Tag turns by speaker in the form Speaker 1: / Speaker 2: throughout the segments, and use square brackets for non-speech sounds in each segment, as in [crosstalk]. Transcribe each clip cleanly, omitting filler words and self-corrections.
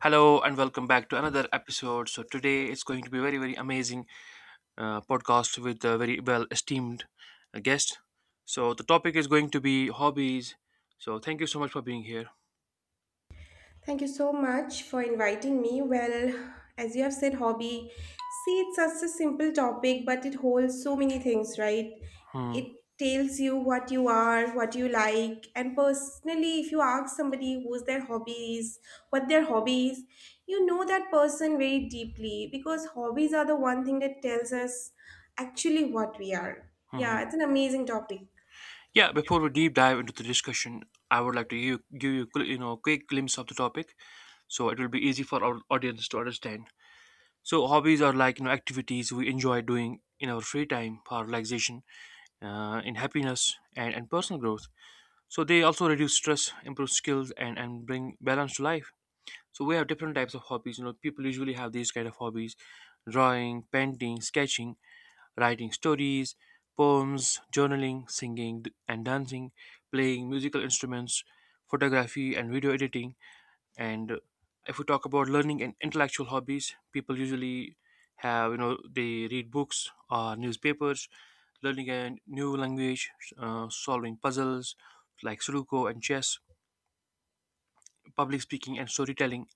Speaker 1: Hello and welcome back to another episode. So today it's going to be very amazing podcast with a very well esteemed guest. So the topic is going to be hobbies. So thank you so much for being here.
Speaker 2: Thank you so much for inviting me. Well, as you have said, hobby. See, it's such a simple topic, but it holds so many things, right?
Speaker 1: Hmm.
Speaker 2: It tells you what you are, what you like, and personally, if you ask somebody who's their hobby is, what their hobby is, you know that person very deeply because hobbies are the one thing that tells us actually what we are. Yeah,
Speaker 1: Mhm.
Speaker 2: it's an amazing topic.
Speaker 1: Yeah, before we deep dive into the discussion, I would like to give you gl- you know quick glimpse of the topic, so it will be easy for our audience to understand. So hobbies are like you know activities we enjoy doing in our free time for relaxation, in happiness, and personal growth, so they also reduce stress, improve skills, and bring balance to life. So we have different types of hobbies, you know, people usually have these kind of hobbies: drawing, painting, sketching, writing stories, poems, journaling, singing, and dancing, playing musical instruments, photography, and video editing. And if we talk about learning and intellectual hobbies, people usually have, you know, they read books or newspapers, learning a new language, solving puzzles like sudoku and chess, public speaking and storytelling.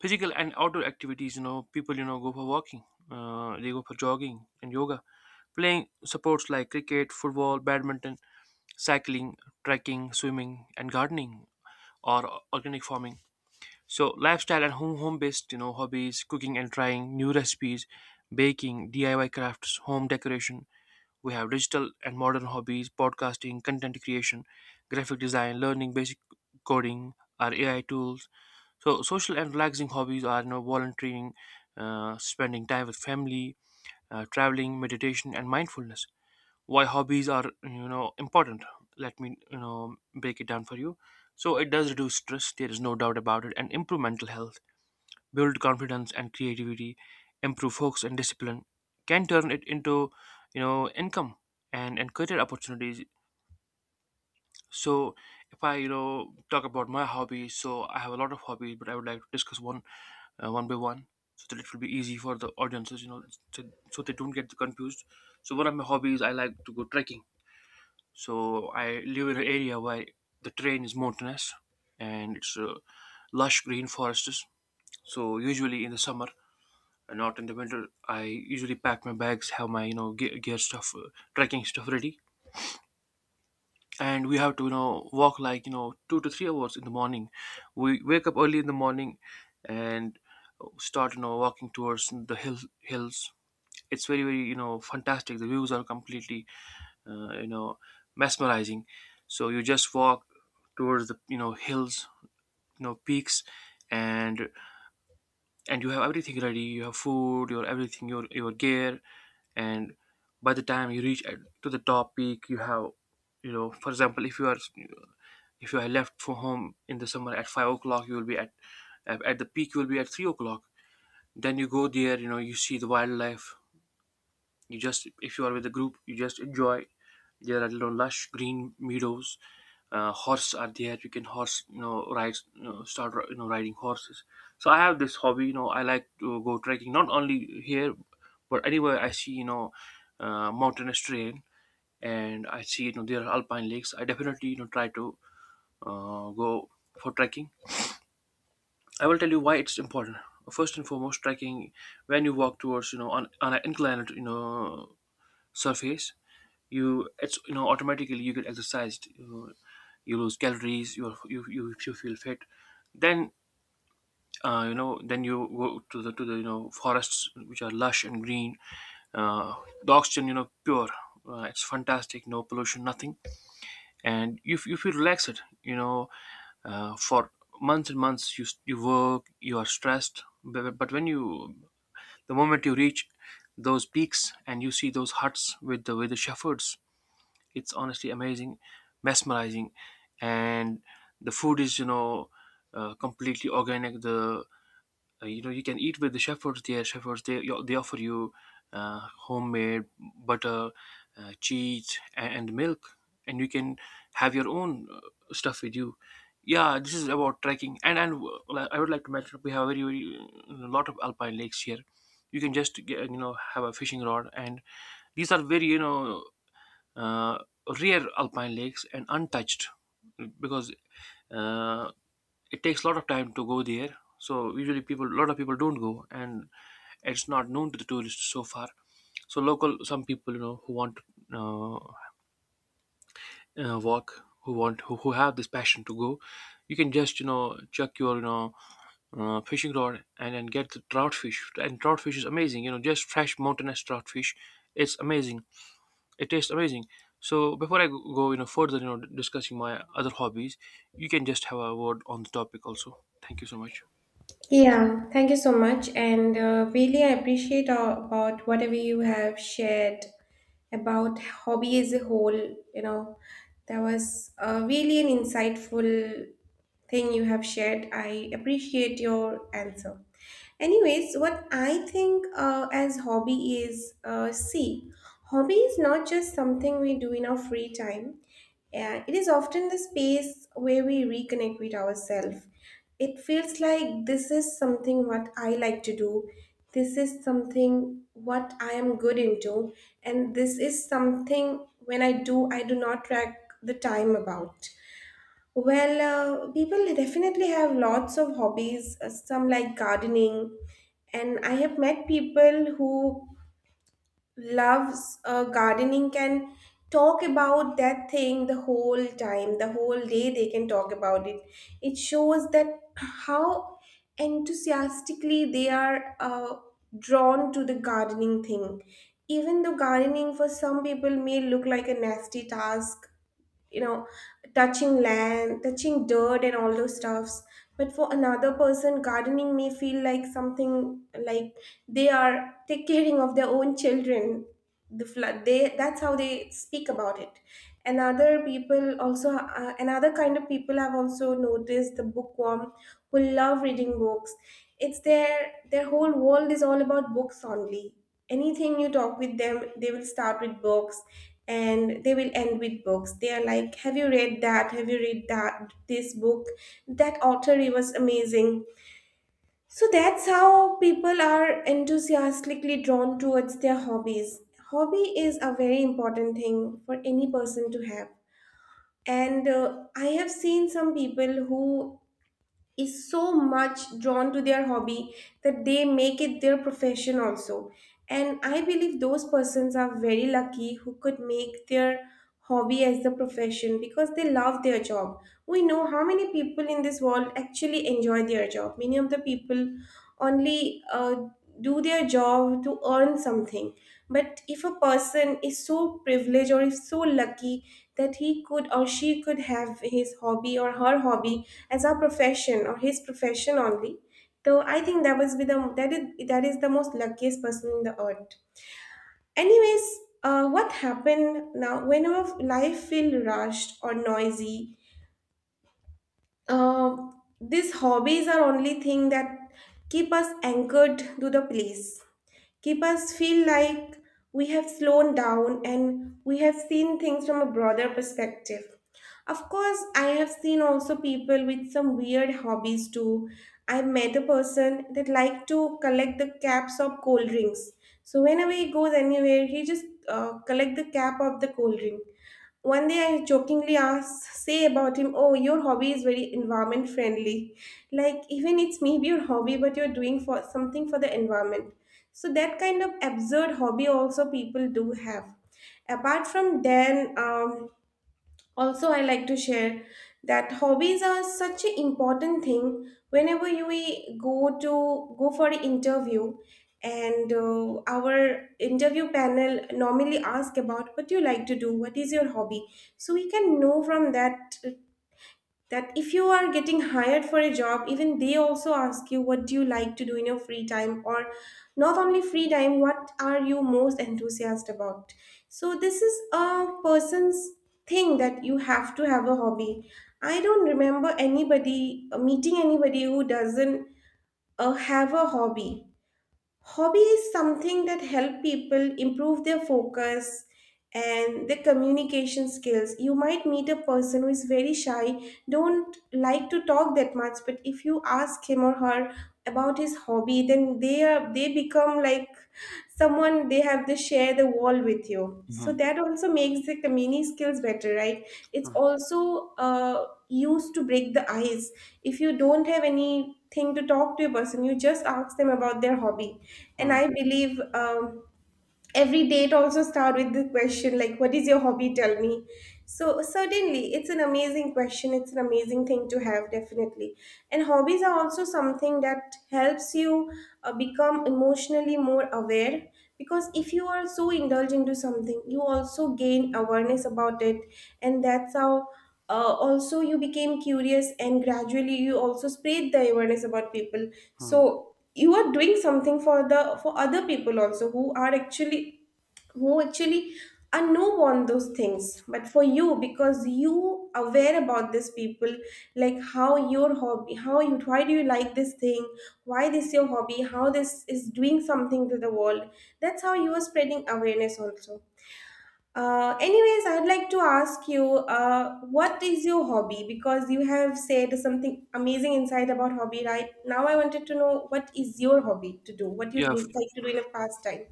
Speaker 1: Physical and outdoor activities, you know, people you know go for walking, they go for jogging and yoga, playing sports like cricket, football, badminton, cycling, trekking, swimming, and gardening, or organic farming. So lifestyle and home based you know hobbies, cooking and trying new recipes, baking, DIY crafts, home decoration. We have digital and modern hobbies, podcasting, content creation, graphic design, learning basic coding, our AI tools. So social and relaxing hobbies are you know volunteering, spending time with family, traveling, meditation, and mindfulness. Why hobbies are you know important? Let me you know break it down for you. So it does reduce stress. There is no doubt about it, and improve mental health, build confidence and creativity, improve focus and discipline, can turn it into, you know, income and career opportunities. So if I, you know, talk about my hobbies, so I have a lot of hobbies, but I would like to discuss one one by one so that it will be easy for the audiences, you know, so, so they don't get confused. So one of my hobbies, I like to go trekking. So I live in an area where the terrain is mountainous and it's lush green forests. So usually in the summer, not in the winter, I usually pack my bags, have my you know gear stuff, trekking stuff ready, and we have to you know walk like you know 2 to 3 hours in the morning. We wake up early in the morning and start you know walking towards the hills. It's very you know fantastic. The views are completely you know mesmerizing. So you just walk towards the you know hills, you know, peaks, and and you have everything ready, you have food, your everything, your gear. And by the time you reach to the top peak, you have you know, for example, if you are, if you are left for home in the summer at 5 o'clock, you will be at, at the peak you will be at 3 o'clock. Then you go there, you know, you see the wildlife. You just, if you are with a group, you just enjoy. There are you know lush green meadows. Horse are there. You can horse, you know, ride, you know, start, you know, riding horses. So I have this hobby. You know, I like to go trekking, not only here, but anywhere I see, you know, mountainous terrain and I see, you know, there are alpine lakes. I definitely, you know, try to go for trekking. I will tell you why it's important. First and foremost, trekking, when you walk towards you know on an inclined you know surface, you, it's you know automatically you get exercised, you lose calories, you feel fit. Then you know then you go to the you know forests which are lush and green. Uh, the oxygen you know pure. Uh, it's fantastic, no pollution, nothing. And you feel relaxed, you know. Uh, for months and months you work, you are stressed, but when you, the moment you reach those peaks and you see those huts with the shepherds, it's honestly amazing, mesmerizing. And the food is you know completely organic. The you know you can eat with the shepherds there. Shepherds, they offer you homemade butter, cheese, and milk, and you can have your own stuff with you. Yeah, this is about trekking, and I would like to mention we have a very a lot of alpine lakes here. You can just get, you know, have a fishing rod, and these are very you know uh, rear alpine lakes and untouched because uh, it takes a lot of time to go there, so usually people, a lot of people don't go, and it's not known to the tourists so far. So local, some people you know who want to uh, walk, who want, who have this passion to go, you can just you know chuck your you know fishing rod and then get the trout fish. And trout fish is amazing, you know, just fresh mountainous trout fish. It's amazing, it tastes amazing. So before I go you know further you know discussing my other hobbies, you can just have a word on the topic also. Thank you so much.
Speaker 2: Yeah, thank you so much. And really, I appreciate about whatever you have shared about hobby as a whole. You know, that was really an insightful thing you have shared. I appreciate your answer. Anyways, what I think as hobby is see, hobby is not just something we do in our free time. It is often the space where we reconnect with ourselves. It feels like this is something what I like to do. This is something what I am good into, and this is something when I do not track the time about. Well, people definitely have lots of hobbies, some like gardening, and I have met people who loves gardening, can talk about that thing the whole time, the whole day they can talk about it. It shows that how enthusiastically they are drawn to the gardening thing. Even though gardening for some people may look like a nasty task, you know, touching land, touching dirt and all those stuffs, but for another person gardening may feel like something like they are take caring of their own children. The flood they, that's how they speak about it. And other people also, another kind of people have also noticed the bookworm who love reading books. It's their whole world is all about books only. Anything you talk with them, they will start with books and they will end with books. They are like, "Have you read that? Have you read that this book? That author he was amazing." So that's how people are enthusiastically drawn towards their hobbies. Hobby is a very important thing for any person to have. And I have seen some people who is so much drawn to their hobby that they make it their profession also, and I believe those persons are very lucky who could make their hobby as the profession because they love their job. We know how many people in this world actually enjoy their job. Many of the people only do their job to earn something, but if a person is so privileged or is so lucky that he could or she could have his hobby or her hobby as a profession or his profession only. So I think that is, that is the most luckiest person in the earth. Anyways, what happened now? Whenever life feel rushed or noisy, uh, these hobbies are only thing that keep us anchored to the place, keep us feel like we have slowed down and we have seen things from a broader perspective. Of course, I have seen also people with some weird hobbies too. I met a person that liked to collect the caps of cold drinks. So whenever he goes anywhere, he just collect the cap of the cold drink. One day I jokingly asked, say about him, oh, your hobby is very environment friendly. Like, even it's maybe your hobby, but you're doing for something for the environment. So that kind of absurd hobby also people do have. Apart from then, also, I like to share that hobbies are such an important thing whenever you we go to go for an interview, and our interview panel normally ask about what you like to do, what is your hobby, so we can know from that that if you are getting hired for a job, even they also ask you what do you like to do in your free time, or not only free time, what are you most enthusiastic about. So this is a person's thing, that you have to have a hobby. I don't remember anybody meeting anybody who doesn't have a hobby. Hobby is something that help people improve their focus and their communication skills. You might meet a person who is very shy, don't like to talk that much, but if you ask him or her about his hobby, then they are, they become like someone they have to share the wall with you. So
Speaker 1: Mhm.
Speaker 2: that also makes the community skills better, right? It's
Speaker 1: Mhm.
Speaker 2: also used to break the ice. If you don't have anything to talk to a person, you just ask them about their hobby. And
Speaker 1: Mhm.
Speaker 2: I believe every date also start with the question like what is your hobby, tell me. So certainly it's an amazing question, it's an amazing thing to have, definitely. And hobbies are also something that helps you become emotionally more aware, because if you are so indulged into something you also gain awareness about it. And that's how also you became curious and gradually you also spread the awareness about people.
Speaker 1: Mhm.
Speaker 2: So you are doing something for the, for other people also who are actually, who actually are no want those things, but for you, because you aware about these people, like how your hobby, how you, why do you like this thing, why this your hobby, how this is doing something to the world. That's how you are spreading awareness also. Anyways, I'd like to ask you, what is your hobby? Because you have said something amazing inside about hobby, right? Now I wanted to know what is your hobby to do? What you
Speaker 1: yeah f-
Speaker 2: look like to do in a pastime?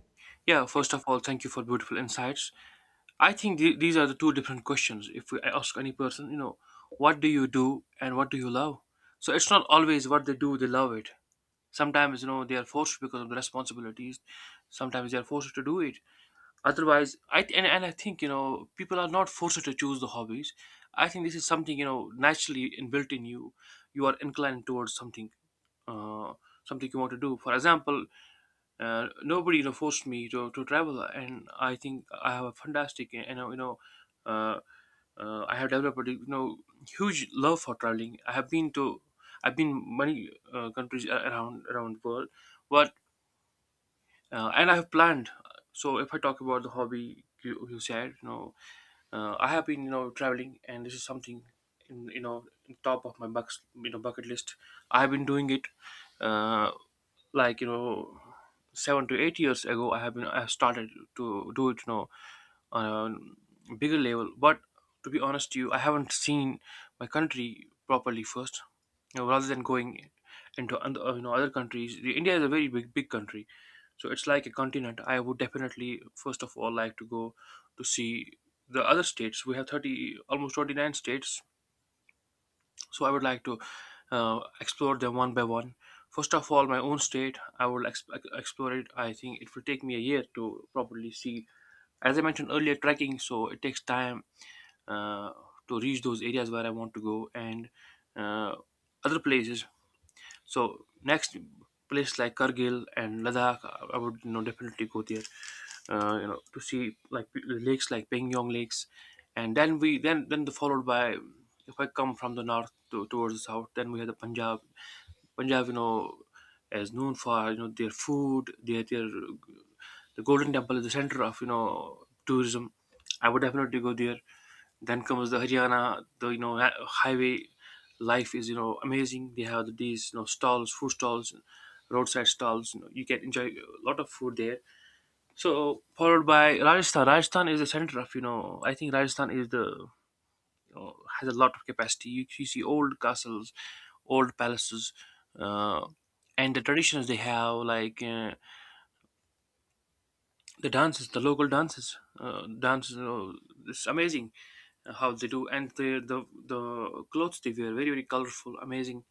Speaker 1: yeah, first of all, thank you for beautiful insights. I think these are the two different questions. If I ask any person, you know, what do you do and what do you love, so it's not always what they do they love it. Sometimes you know they are forced because of the responsibilities, sometimes they are forced to do it. Otherwise, and I think, you know, people are not forced to choose the hobbies. I think this is something you know naturally and built in you. You are inclined towards something, uh, something you want to do. For example, nobody you know forced me to travel, and I think I have a fantastic you know uh, I have developed a you know huge love for traveling. I have been to I've been many countries around around the world, but and I have planned. So if I talk about the hobby you said, you know, I have been you know traveling, and this is something in you know in top of my bucks you know bucket list. I have been doing it uh, like you know 7 to 8 years ago. I have started to do it you know on a bigger level, but to be honest to you, I haven't seen my country properly first, you know, rather than going into other, you know, other countries. India is a very big country, so it's like a continent. I would definitely, first of all, like to go to see the other states. We have 30, almost 29 states, so I would like to explore them one by one. First of all, my own state, explore it. I think it will take me a year to properly see. As I mentioned earlier, trekking, so it takes time uh, to reach those areas where I want to go and uh, other places. So next place like Kargil and Ladakh, I would you know definitely go there. You know, to see like lakes like Pengyong lakes, and then we then the followed by, if I come from the north towards the south, then we have the Punjab. Punjab, you know, is known for you know their food, the Golden Temple is the center of you know tourism. I would definitely go there. Then comes the Haryana. The you know highway life is you know amazing. They have these you know stalls, food stalls, roadside stalls. You know you can enjoy a lot of food there. So followed by Rajasthan. Rajasthan is the center of you know. I think Rajasthan is the you know, has a lot of capacity. You see old castles, old palaces, uh, and the traditions they have like. The dances, the local dances, dances. It's amazing how they do, and the clothes they wear, very very colorful, amazing.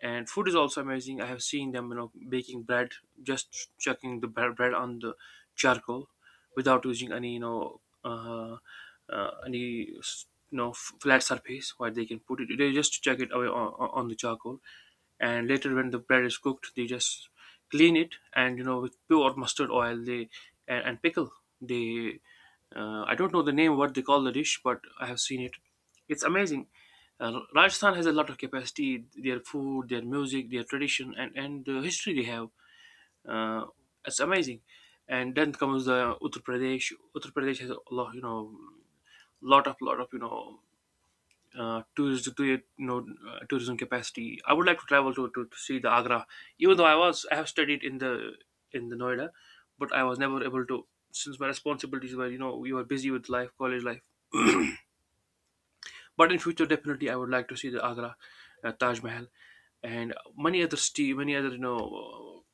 Speaker 1: And food is also amazing. I have seen them baking bread, just chucking the bread on the charcoal without using any any flat surface where they can put it. They just chuck it away on the charcoal, and later when the bread is cooked, they just clean it and with pure mustard oil they and pickle they. I don't know the name, what they call the dish, but I have seen it. It's amazing. Rajasthan has a lot of capacity. Their food, their music, their tradition, and the history they have. Uh, it's amazing. And then comes the Uttar Pradesh. Uttar Pradesh has a lot, lot of tourism, to it, tourism capacity. I would like to travel to see the Agra, even though I have studied in the Noida, but I was never able to, since my responsibilities were, you were busy with life, college life. But in future, definitely, I would like to see the Agra, Taj Mahal, and many other many other you know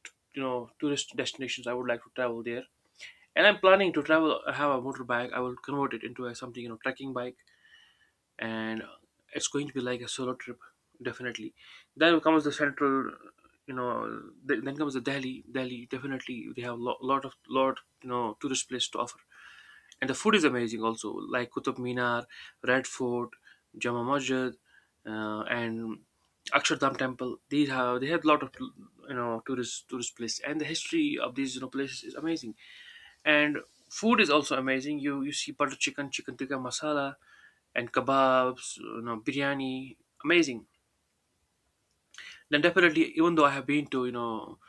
Speaker 1: uh, you know tourist destinations. I would like to travel there. And I'm planning to travel. I have a motorbike. I will convert it into a something, trekking bike, and it's going to be like a solo trip, definitely. Then comes the central, then comes the Delhi. Delhi, definitely they have a lot, lot of lot tourist place to offer, and the food is amazing also, like Qutub Minar, Red Fort, Jama Masjid, and Akshardham Temple. These have They have a lot of tourist place, and the history of these, places is amazing. And food is also amazing. You see butter chicken, chicken tikka masala, and kebabs, biryani, amazing. Then definitely, even though I have been to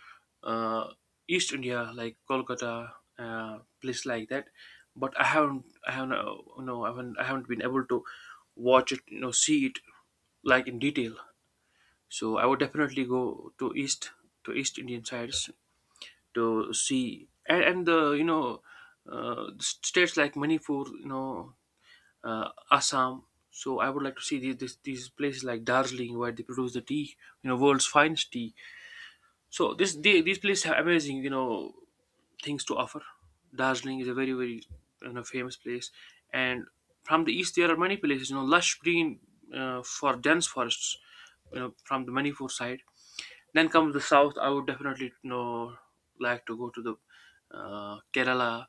Speaker 1: uh, East India, like Kolkata, place like that, but I haven't, you know, I haven't been able to watch it, see it, like, in detail. So I would definitely go to East Indian sides to see, and the, states like Manipur, Assam. So I would like to see these places like Darjeeling, where they produce the tea, world's finest tea. So this they, these places have amazing, things to offer. Darjeeling is a very very famous place, and from the east there are many places, lush green, for dense forests, from the Manipur side. Then comes the south. I would definitely like to go to the Kerala,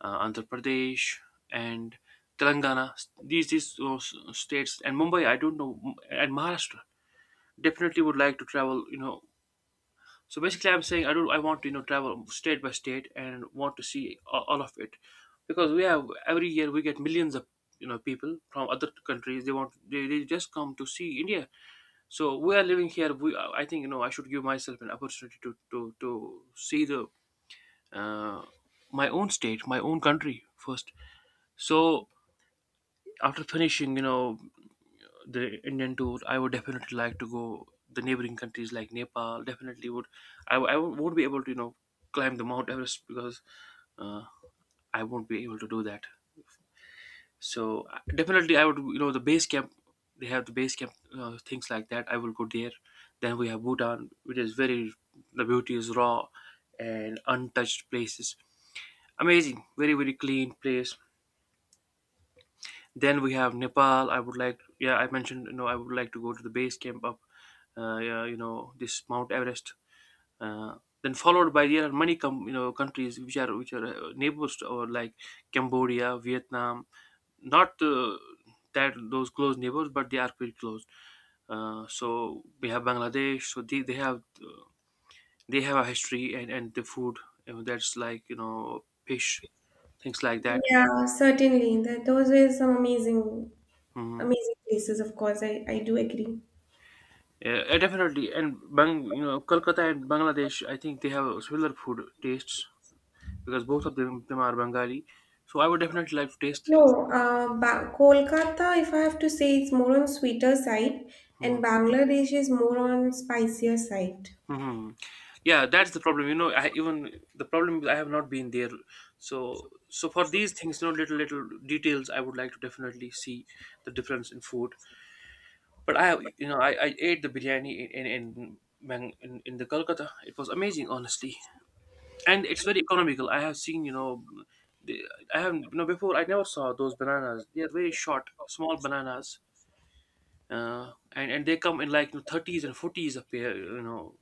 Speaker 1: Andhra Pradesh, and Telangana. States, and Mumbai, I don't know, and Maharashtra. Definitely would like to travel. So basically, I'm saying, I don't. I want to travel state by state and want to see all of it, because we have every year we get millions of people from other countries. They just come to see India. So we are living here. We I think, I should give myself an opportunity to see the, uh, my own state, my own country first. So after finishing, the Indian tour, I would definitely like to go the neighboring countries like Nepal. Definitely would. I won't be able to, climb the Mount Everest, because uh, I won't be able to do that. So definitely, I would, the base camp. They have the base camp, things like that. I will go there. Then we have Bhutan, which is very, the beauty is raw and untouched places. Amazing, very very clean place. Then we have Nepal. I would like, yeah, I mentioned, I would like to go to the base camp of, yeah, this Mount Everest. Uh, then followed by, there are many, countries which are neighbors to our, like Cambodia, Vietnam. Not that those close neighbors, but they are pretty close. So we have Bangladesh. So they have they have a history and the food, that's like, fish, things like that.
Speaker 2: Yeah, certainly. That those were some amazing,
Speaker 1: Mhm.
Speaker 2: amazing places. Of course, I do agree.
Speaker 1: Yeah, definitely. And Bang, Kolkata and Bangladesh, I think they have similar food tastes, because both of them are Bengali. So I would definitely like to taste.
Speaker 2: No, Kolkata, if I have to say, it's more on sweeter side,
Speaker 1: Hmm.
Speaker 2: and Bangladesh is more on spicier side.
Speaker 1: Hmm. Yeah, that's the problem. I even the problem is I have not been there. So for these things, little details, I would like to definitely see the difference in food. But I, have- you know, I ate the biryani in, Bang- in the Kolkata. It was amazing, honestly. And it's very economical. I have seen, you know, the, I have you know before, I never saw those bananas. They are very short, small bananas, and they come in, like, 30s and 40s a pair. You know,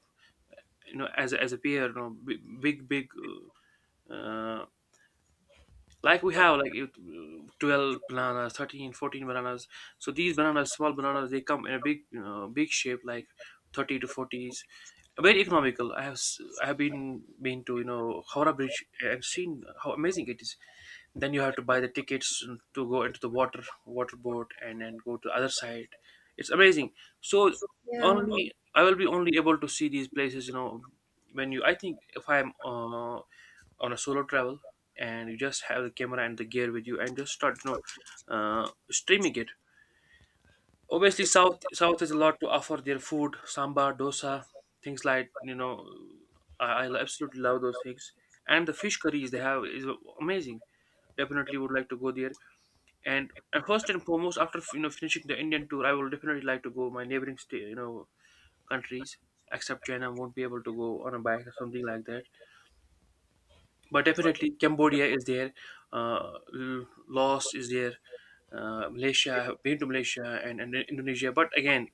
Speaker 1: you know As a pair. Big uh, like we have, 12 bananas, 13, 14 bananas. So these bananas small bananas, they come in a big, big shape, like 30 to 40s. Very economical. I have been to, Howrah Bridge, and seen how amazing it is. Then you have to buy the tickets to go into the water boat, and then go to the other side. It's amazing. So
Speaker 2: Yeah.
Speaker 1: only I will be only able to see these places, when you, I think, if I'm on a solo travel, and you just have the camera and the gear with you, and just start streaming it. Obviously south has a lot to offer. Their food, sambar, dosa, things like, I absolutely love those things. And the fish curries they have is amazing. Definitely would like to go there. And first and foremost, after finishing the Indian tour, I will definitely like to go my neighboring state, countries. Except China, won't be able to go on a bike or something like that. But definitely Cambodia is there, Laos is there, Malaysia. I have been to Malaysia and Indonesia. But again,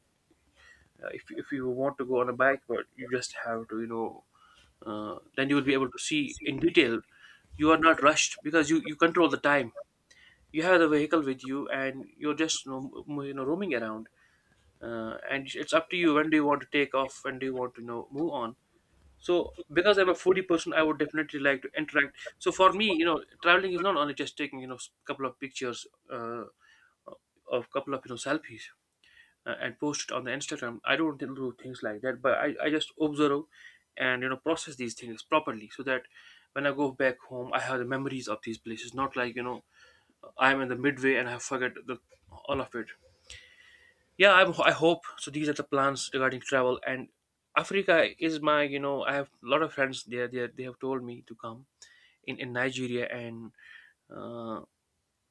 Speaker 1: if you want to go on a bike, but you just have to, then you will be able to see in detail. You are not rushed because you control the time. You have the vehicle with you, and you're just, roaming around. And it's up to you, when do you want to take off, when do you want to move on. So, because I'm a foodie person, I would definitely like to interact. So, for me, traveling is not only just taking, a couple of pictures, uh, of couple of, selfies, and post it on the Instagram. I don't do things like that, but I just observe and, process these things properly, so that when I go back home, I have the memories of these places, not like, I'm in the midway and I forget the, all of it. Yeah, I hope so. These are the plans regarding travel. And Africa is my, I have a lot of friends there. They have told me to come in Nigeria, and uh,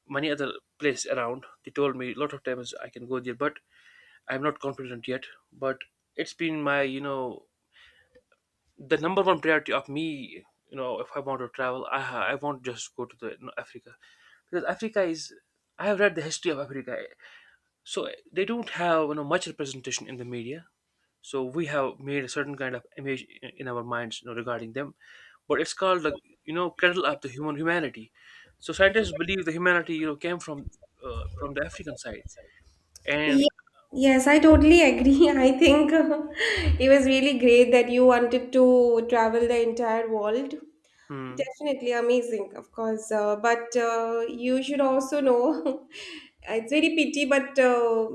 Speaker 1: many other place around. They told me a lot of times I can go there, but I'm not confident yet. But it's been my, the number one priority of me. If I want to travel, I won't just go to the, Africa, because Africa is, I have read the history of Africa. So they don't have much representation in the media. So we have made a certain kind of image in our minds, regarding them. But it's called, like, kettle up the humanity. So scientists believe the humanity, came from, from the African side, and—
Speaker 2: Ye- Yes, I totally agree. [laughs] I think it was really great that you wanted to travel the entire world.
Speaker 1: Hmm.
Speaker 2: Definitely amazing, of course. But you should also know, [laughs] it's very pity, but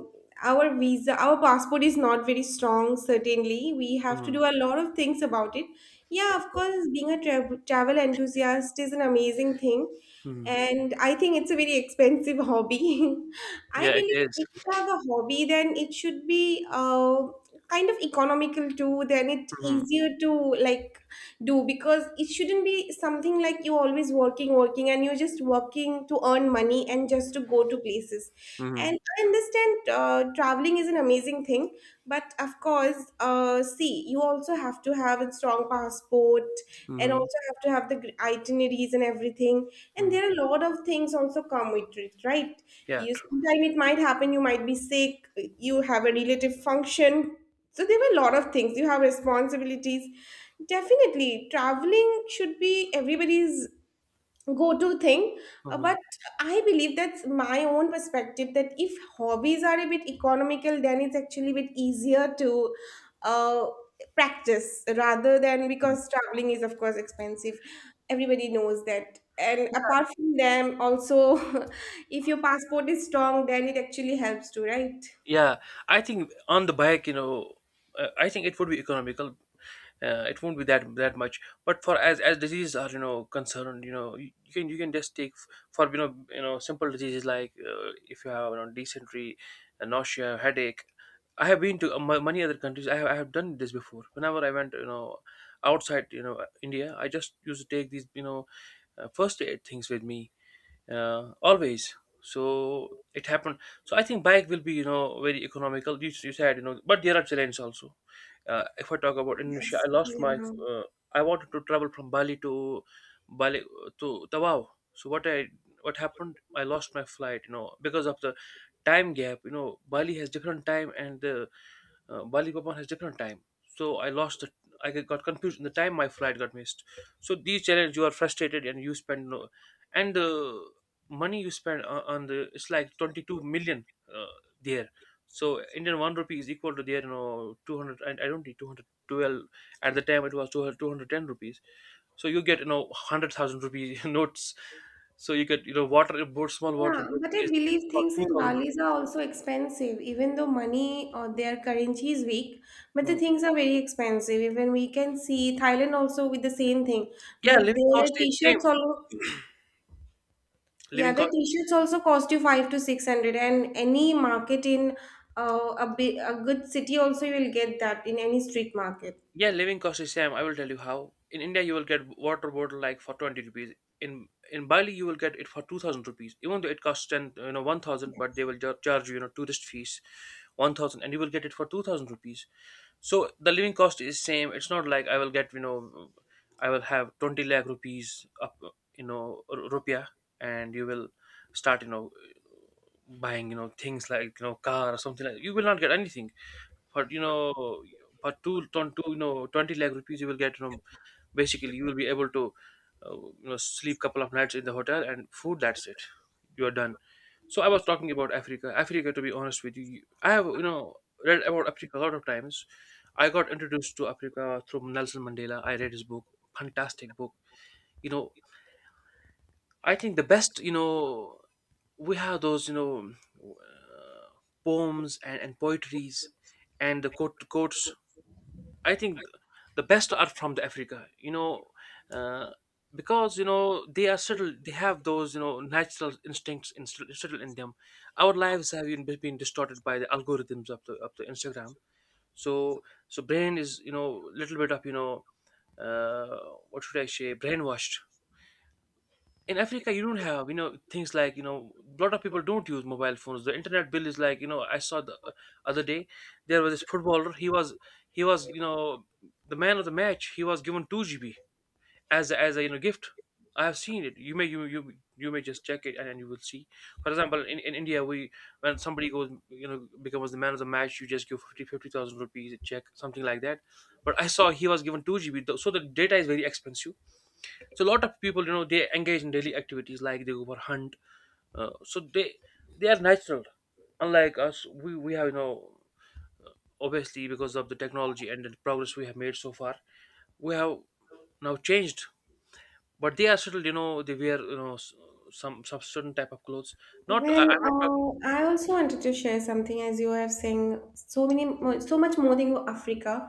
Speaker 2: our visa, our passport is not very strong, certainly. We have to
Speaker 1: Hmm.
Speaker 2: do a lot of things about it. Yeah, of course, being a travel enthusiast is an amazing thing.
Speaker 1: Hmm.
Speaker 2: And I think it's a very expensive hobby. [laughs] I
Speaker 1: Yeah, it
Speaker 2: believe
Speaker 1: is.
Speaker 2: if you have a hobby, then it should be kind of economical too. Then it's
Speaker 1: Hmm.
Speaker 2: easier to like do, because it shouldn't be something like you always working and you're just working to earn money and just to go to places.
Speaker 1: Hmm.
Speaker 2: And I understand traveling is an amazing thing, but of course see, you also have to have a strong passport and
Speaker 1: Hmm.
Speaker 2: also have to have the itineraries and everything, and
Speaker 1: Hmm.
Speaker 2: there are a lot of things also come with it, right?
Speaker 1: Yeah,
Speaker 2: You
Speaker 1: true.
Speaker 2: sometime it might happen you might be sick, you have a relative function, so there were a lot of things, you have responsibilities. Definitely traveling should be everybody's go-to thing.
Speaker 1: Mhm.
Speaker 2: But I believe that's my own perspective, that if hobbies are a bit economical then it's actually a bit easier to uh, practice, rather than because traveling is of course expensive, everybody knows that. And apart from them also, [laughs] if your passport is strong then it actually helps too, right?
Speaker 1: Yeah, I think on the bike. I think it would be economical. It won't be that much. But for as diseases are concerned. You can just take for simple diseases like, if you have dysentery, nausea, headache. I have been to many other countries. I have done this before, whenever I went outside India. I just used to take these, first aid things with me, always. So it happened. So I think bike will be very economical, you said, but there are challenges also. If I talk about Indonesia,
Speaker 2: Yes,
Speaker 1: I lost my—
Speaker 2: yeah.
Speaker 1: uh, I wanted to travel from Bali to Tawau. So what happened, I lost my flight because of the time gap. Bali has different time, and the Balikpapan has different time. So I lost the— I got confused in the time, my flight got missed. So these challenges, you are frustrated and you spend, no, and the money you spend on the, it's like 22 million uh, there. So Indian 1 rupee is equal to there, 200, and I don't need 212. At the time it was two hundred, 210 rupees. So you get, 100,000 rupee [laughs] notes. So you get, water board, small water
Speaker 2: Yeah,
Speaker 1: board
Speaker 2: but I
Speaker 1: is
Speaker 2: believe
Speaker 1: for
Speaker 2: things in
Speaker 1: 2,000
Speaker 2: Bali's
Speaker 1: rupees.
Speaker 2: are also expensive, even though money or their currency is weak, but the
Speaker 1: Mm.
Speaker 2: things are very expensive. Even we can see Thailand also with the same thing,
Speaker 1: Yeah,
Speaker 2: but
Speaker 1: living
Speaker 2: their
Speaker 1: cost is
Speaker 2: t-shirts
Speaker 1: same.
Speaker 2: also, yeah,
Speaker 1: Living
Speaker 2: their
Speaker 1: cost.
Speaker 2: t-shirts also cost you five to six hundred, and any market in a big, a good city also you will get that in any street market.
Speaker 1: Yeah, living cost is same. I will tell you how. In India, you will get water bottle like for 20 rupees. In Bali, you will get it for 2,000 rupees. Even though it costs ten, 1,000, but they will charge you, tourist fees, 1,000, and you will get it for 2,000 rupees. So the living cost is same. It's not like I will get, I will have 20 lakh rupees up, rupiah, and you will start, buying, things like car or something like. You will not get anything, but for two ton two 20 lakh rupees you will get from, basically, you will be able to sleep couple of nights in the hotel and food, that's it, you are done. So I was talking about Africa. To be honest with you, I have read about Africa a lot of times. I got introduced to Africa through Nelson Mandela. I read his book. Fantastic book you know I think the best, we have those, poems and poetries, and the quotes, I think, the best are from the Africa, uh, because they are subtle. They have those natural instincts in, subtle in them. Our lives have been distorted by the algorithms of the Instagram. So so brain is little bit of uh, what should I say, brainwashed. In Africa, you don't have things like, a lot of people don't use mobile phones. The internet bill is like, I saw the other day there was this footballer. He was, the man of the match. He was given 2 GB as a gift. I have seen it. You may just check it, and you will see. For example, in India, we when somebody goes becomes the man of the match, you just give 50 50,000 rupees a check something like that. But I saw he was given 2 GB, so the data is very expensive. So a lot of people they engage in daily activities like they go for hunt. So they are natural. Unlike us, we have obviously because of the technology and the progress we have made so far, we have now changed. But they are still they wear some certain type of clothes. Not, I'm not talking.
Speaker 2: Well, I also wanted to share something as you have saying so many, so much more than Africa.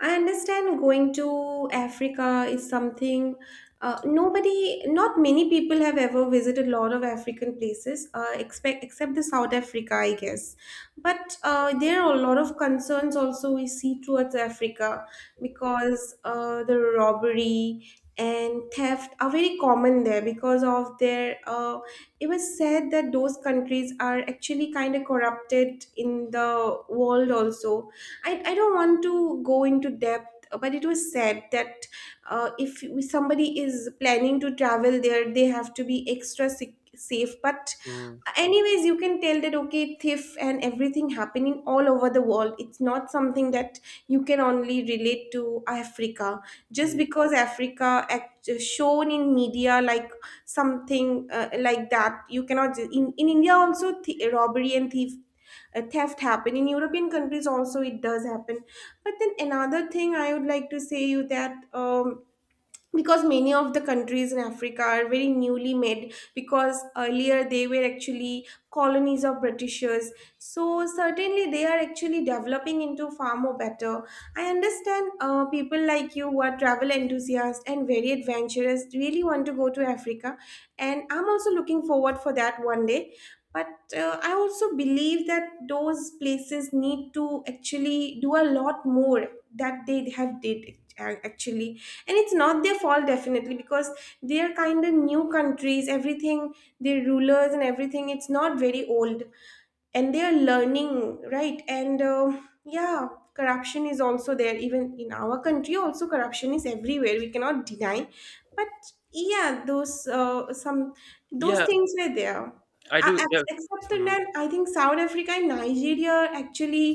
Speaker 2: I understand going to Africa is something nobody, not many people have ever visited a lot of African places, except the South Africa, I guess. But there are a lot of concerns also we see towards Africa, because the robbery and theft are very common there because of their. It was said that those countries are actually kind of corrupted in the world also. I don't want to go into depth, but it was said that if somebody is planning to travel there they have to be extra sick, safe. But
Speaker 1: Mm.
Speaker 2: anyways, you can tell that okay, theft and everything happening all over the world, it's not something that you can only relate to Africa, just
Speaker 1: Mm.
Speaker 2: because Africa shown in media like something like that. You cannot in India also robbery and thief, theft happen in European countries also, it does happen. But then another thing I would like to say you that because many of the countries in Africa are very newly made, because earlier they were actually colonies of Britishers, so certainly they are actually developing into far more better. I understand people like you who are travel enthusiasts and very adventurous really want to go to Africa, and I'm also looking forward for that one day. But I also believe that those places need to actually do a lot more that they have did, actually. And it's not their fault definitely, because they're kind of new countries, everything, their rulers and everything, it's not very old, and they are learning, right? And yeah, corruption is also there, even in our country also corruption is everywhere, we cannot deny. But yeah, those some, those
Speaker 1: Yeah,
Speaker 2: things were there.
Speaker 1: I do, yeah.
Speaker 2: Except for
Speaker 1: Mm.
Speaker 2: that, I think South Africa and Nigeria are actually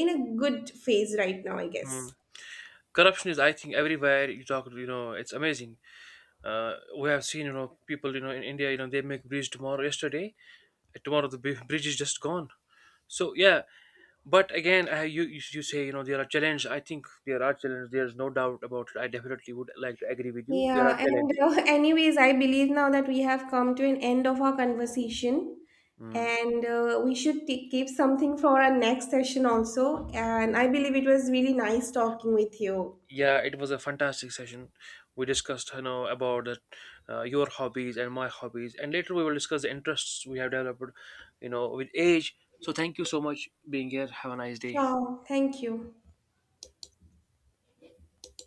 Speaker 2: in a good phase right now, I guess.
Speaker 1: Mm. Corruption is, I think, everywhere you talk, it's amazing. Uh, we have seen people, in India, they make breach tomorrow yesterday, tomorrow the bridge is just gone. So yeah. But again, you say, there are challenges. I think there are challenges. There's no doubt about it. I definitely would like to agree with you. There are
Speaker 2: Yeah, and
Speaker 1: challenges.
Speaker 2: [laughs] anyways, I believe now that we have come to an end of our conversation,
Speaker 1: Mm.
Speaker 2: and we should keep something for our next session also. And I believe it was really nice talking with you.
Speaker 1: Yeah, it was a fantastic session. We discussed about your hobbies and my hobbies, and later we will discuss the interests we have developed with age. So thank you so much being here. Have a nice day.
Speaker 2: Sure, thank you.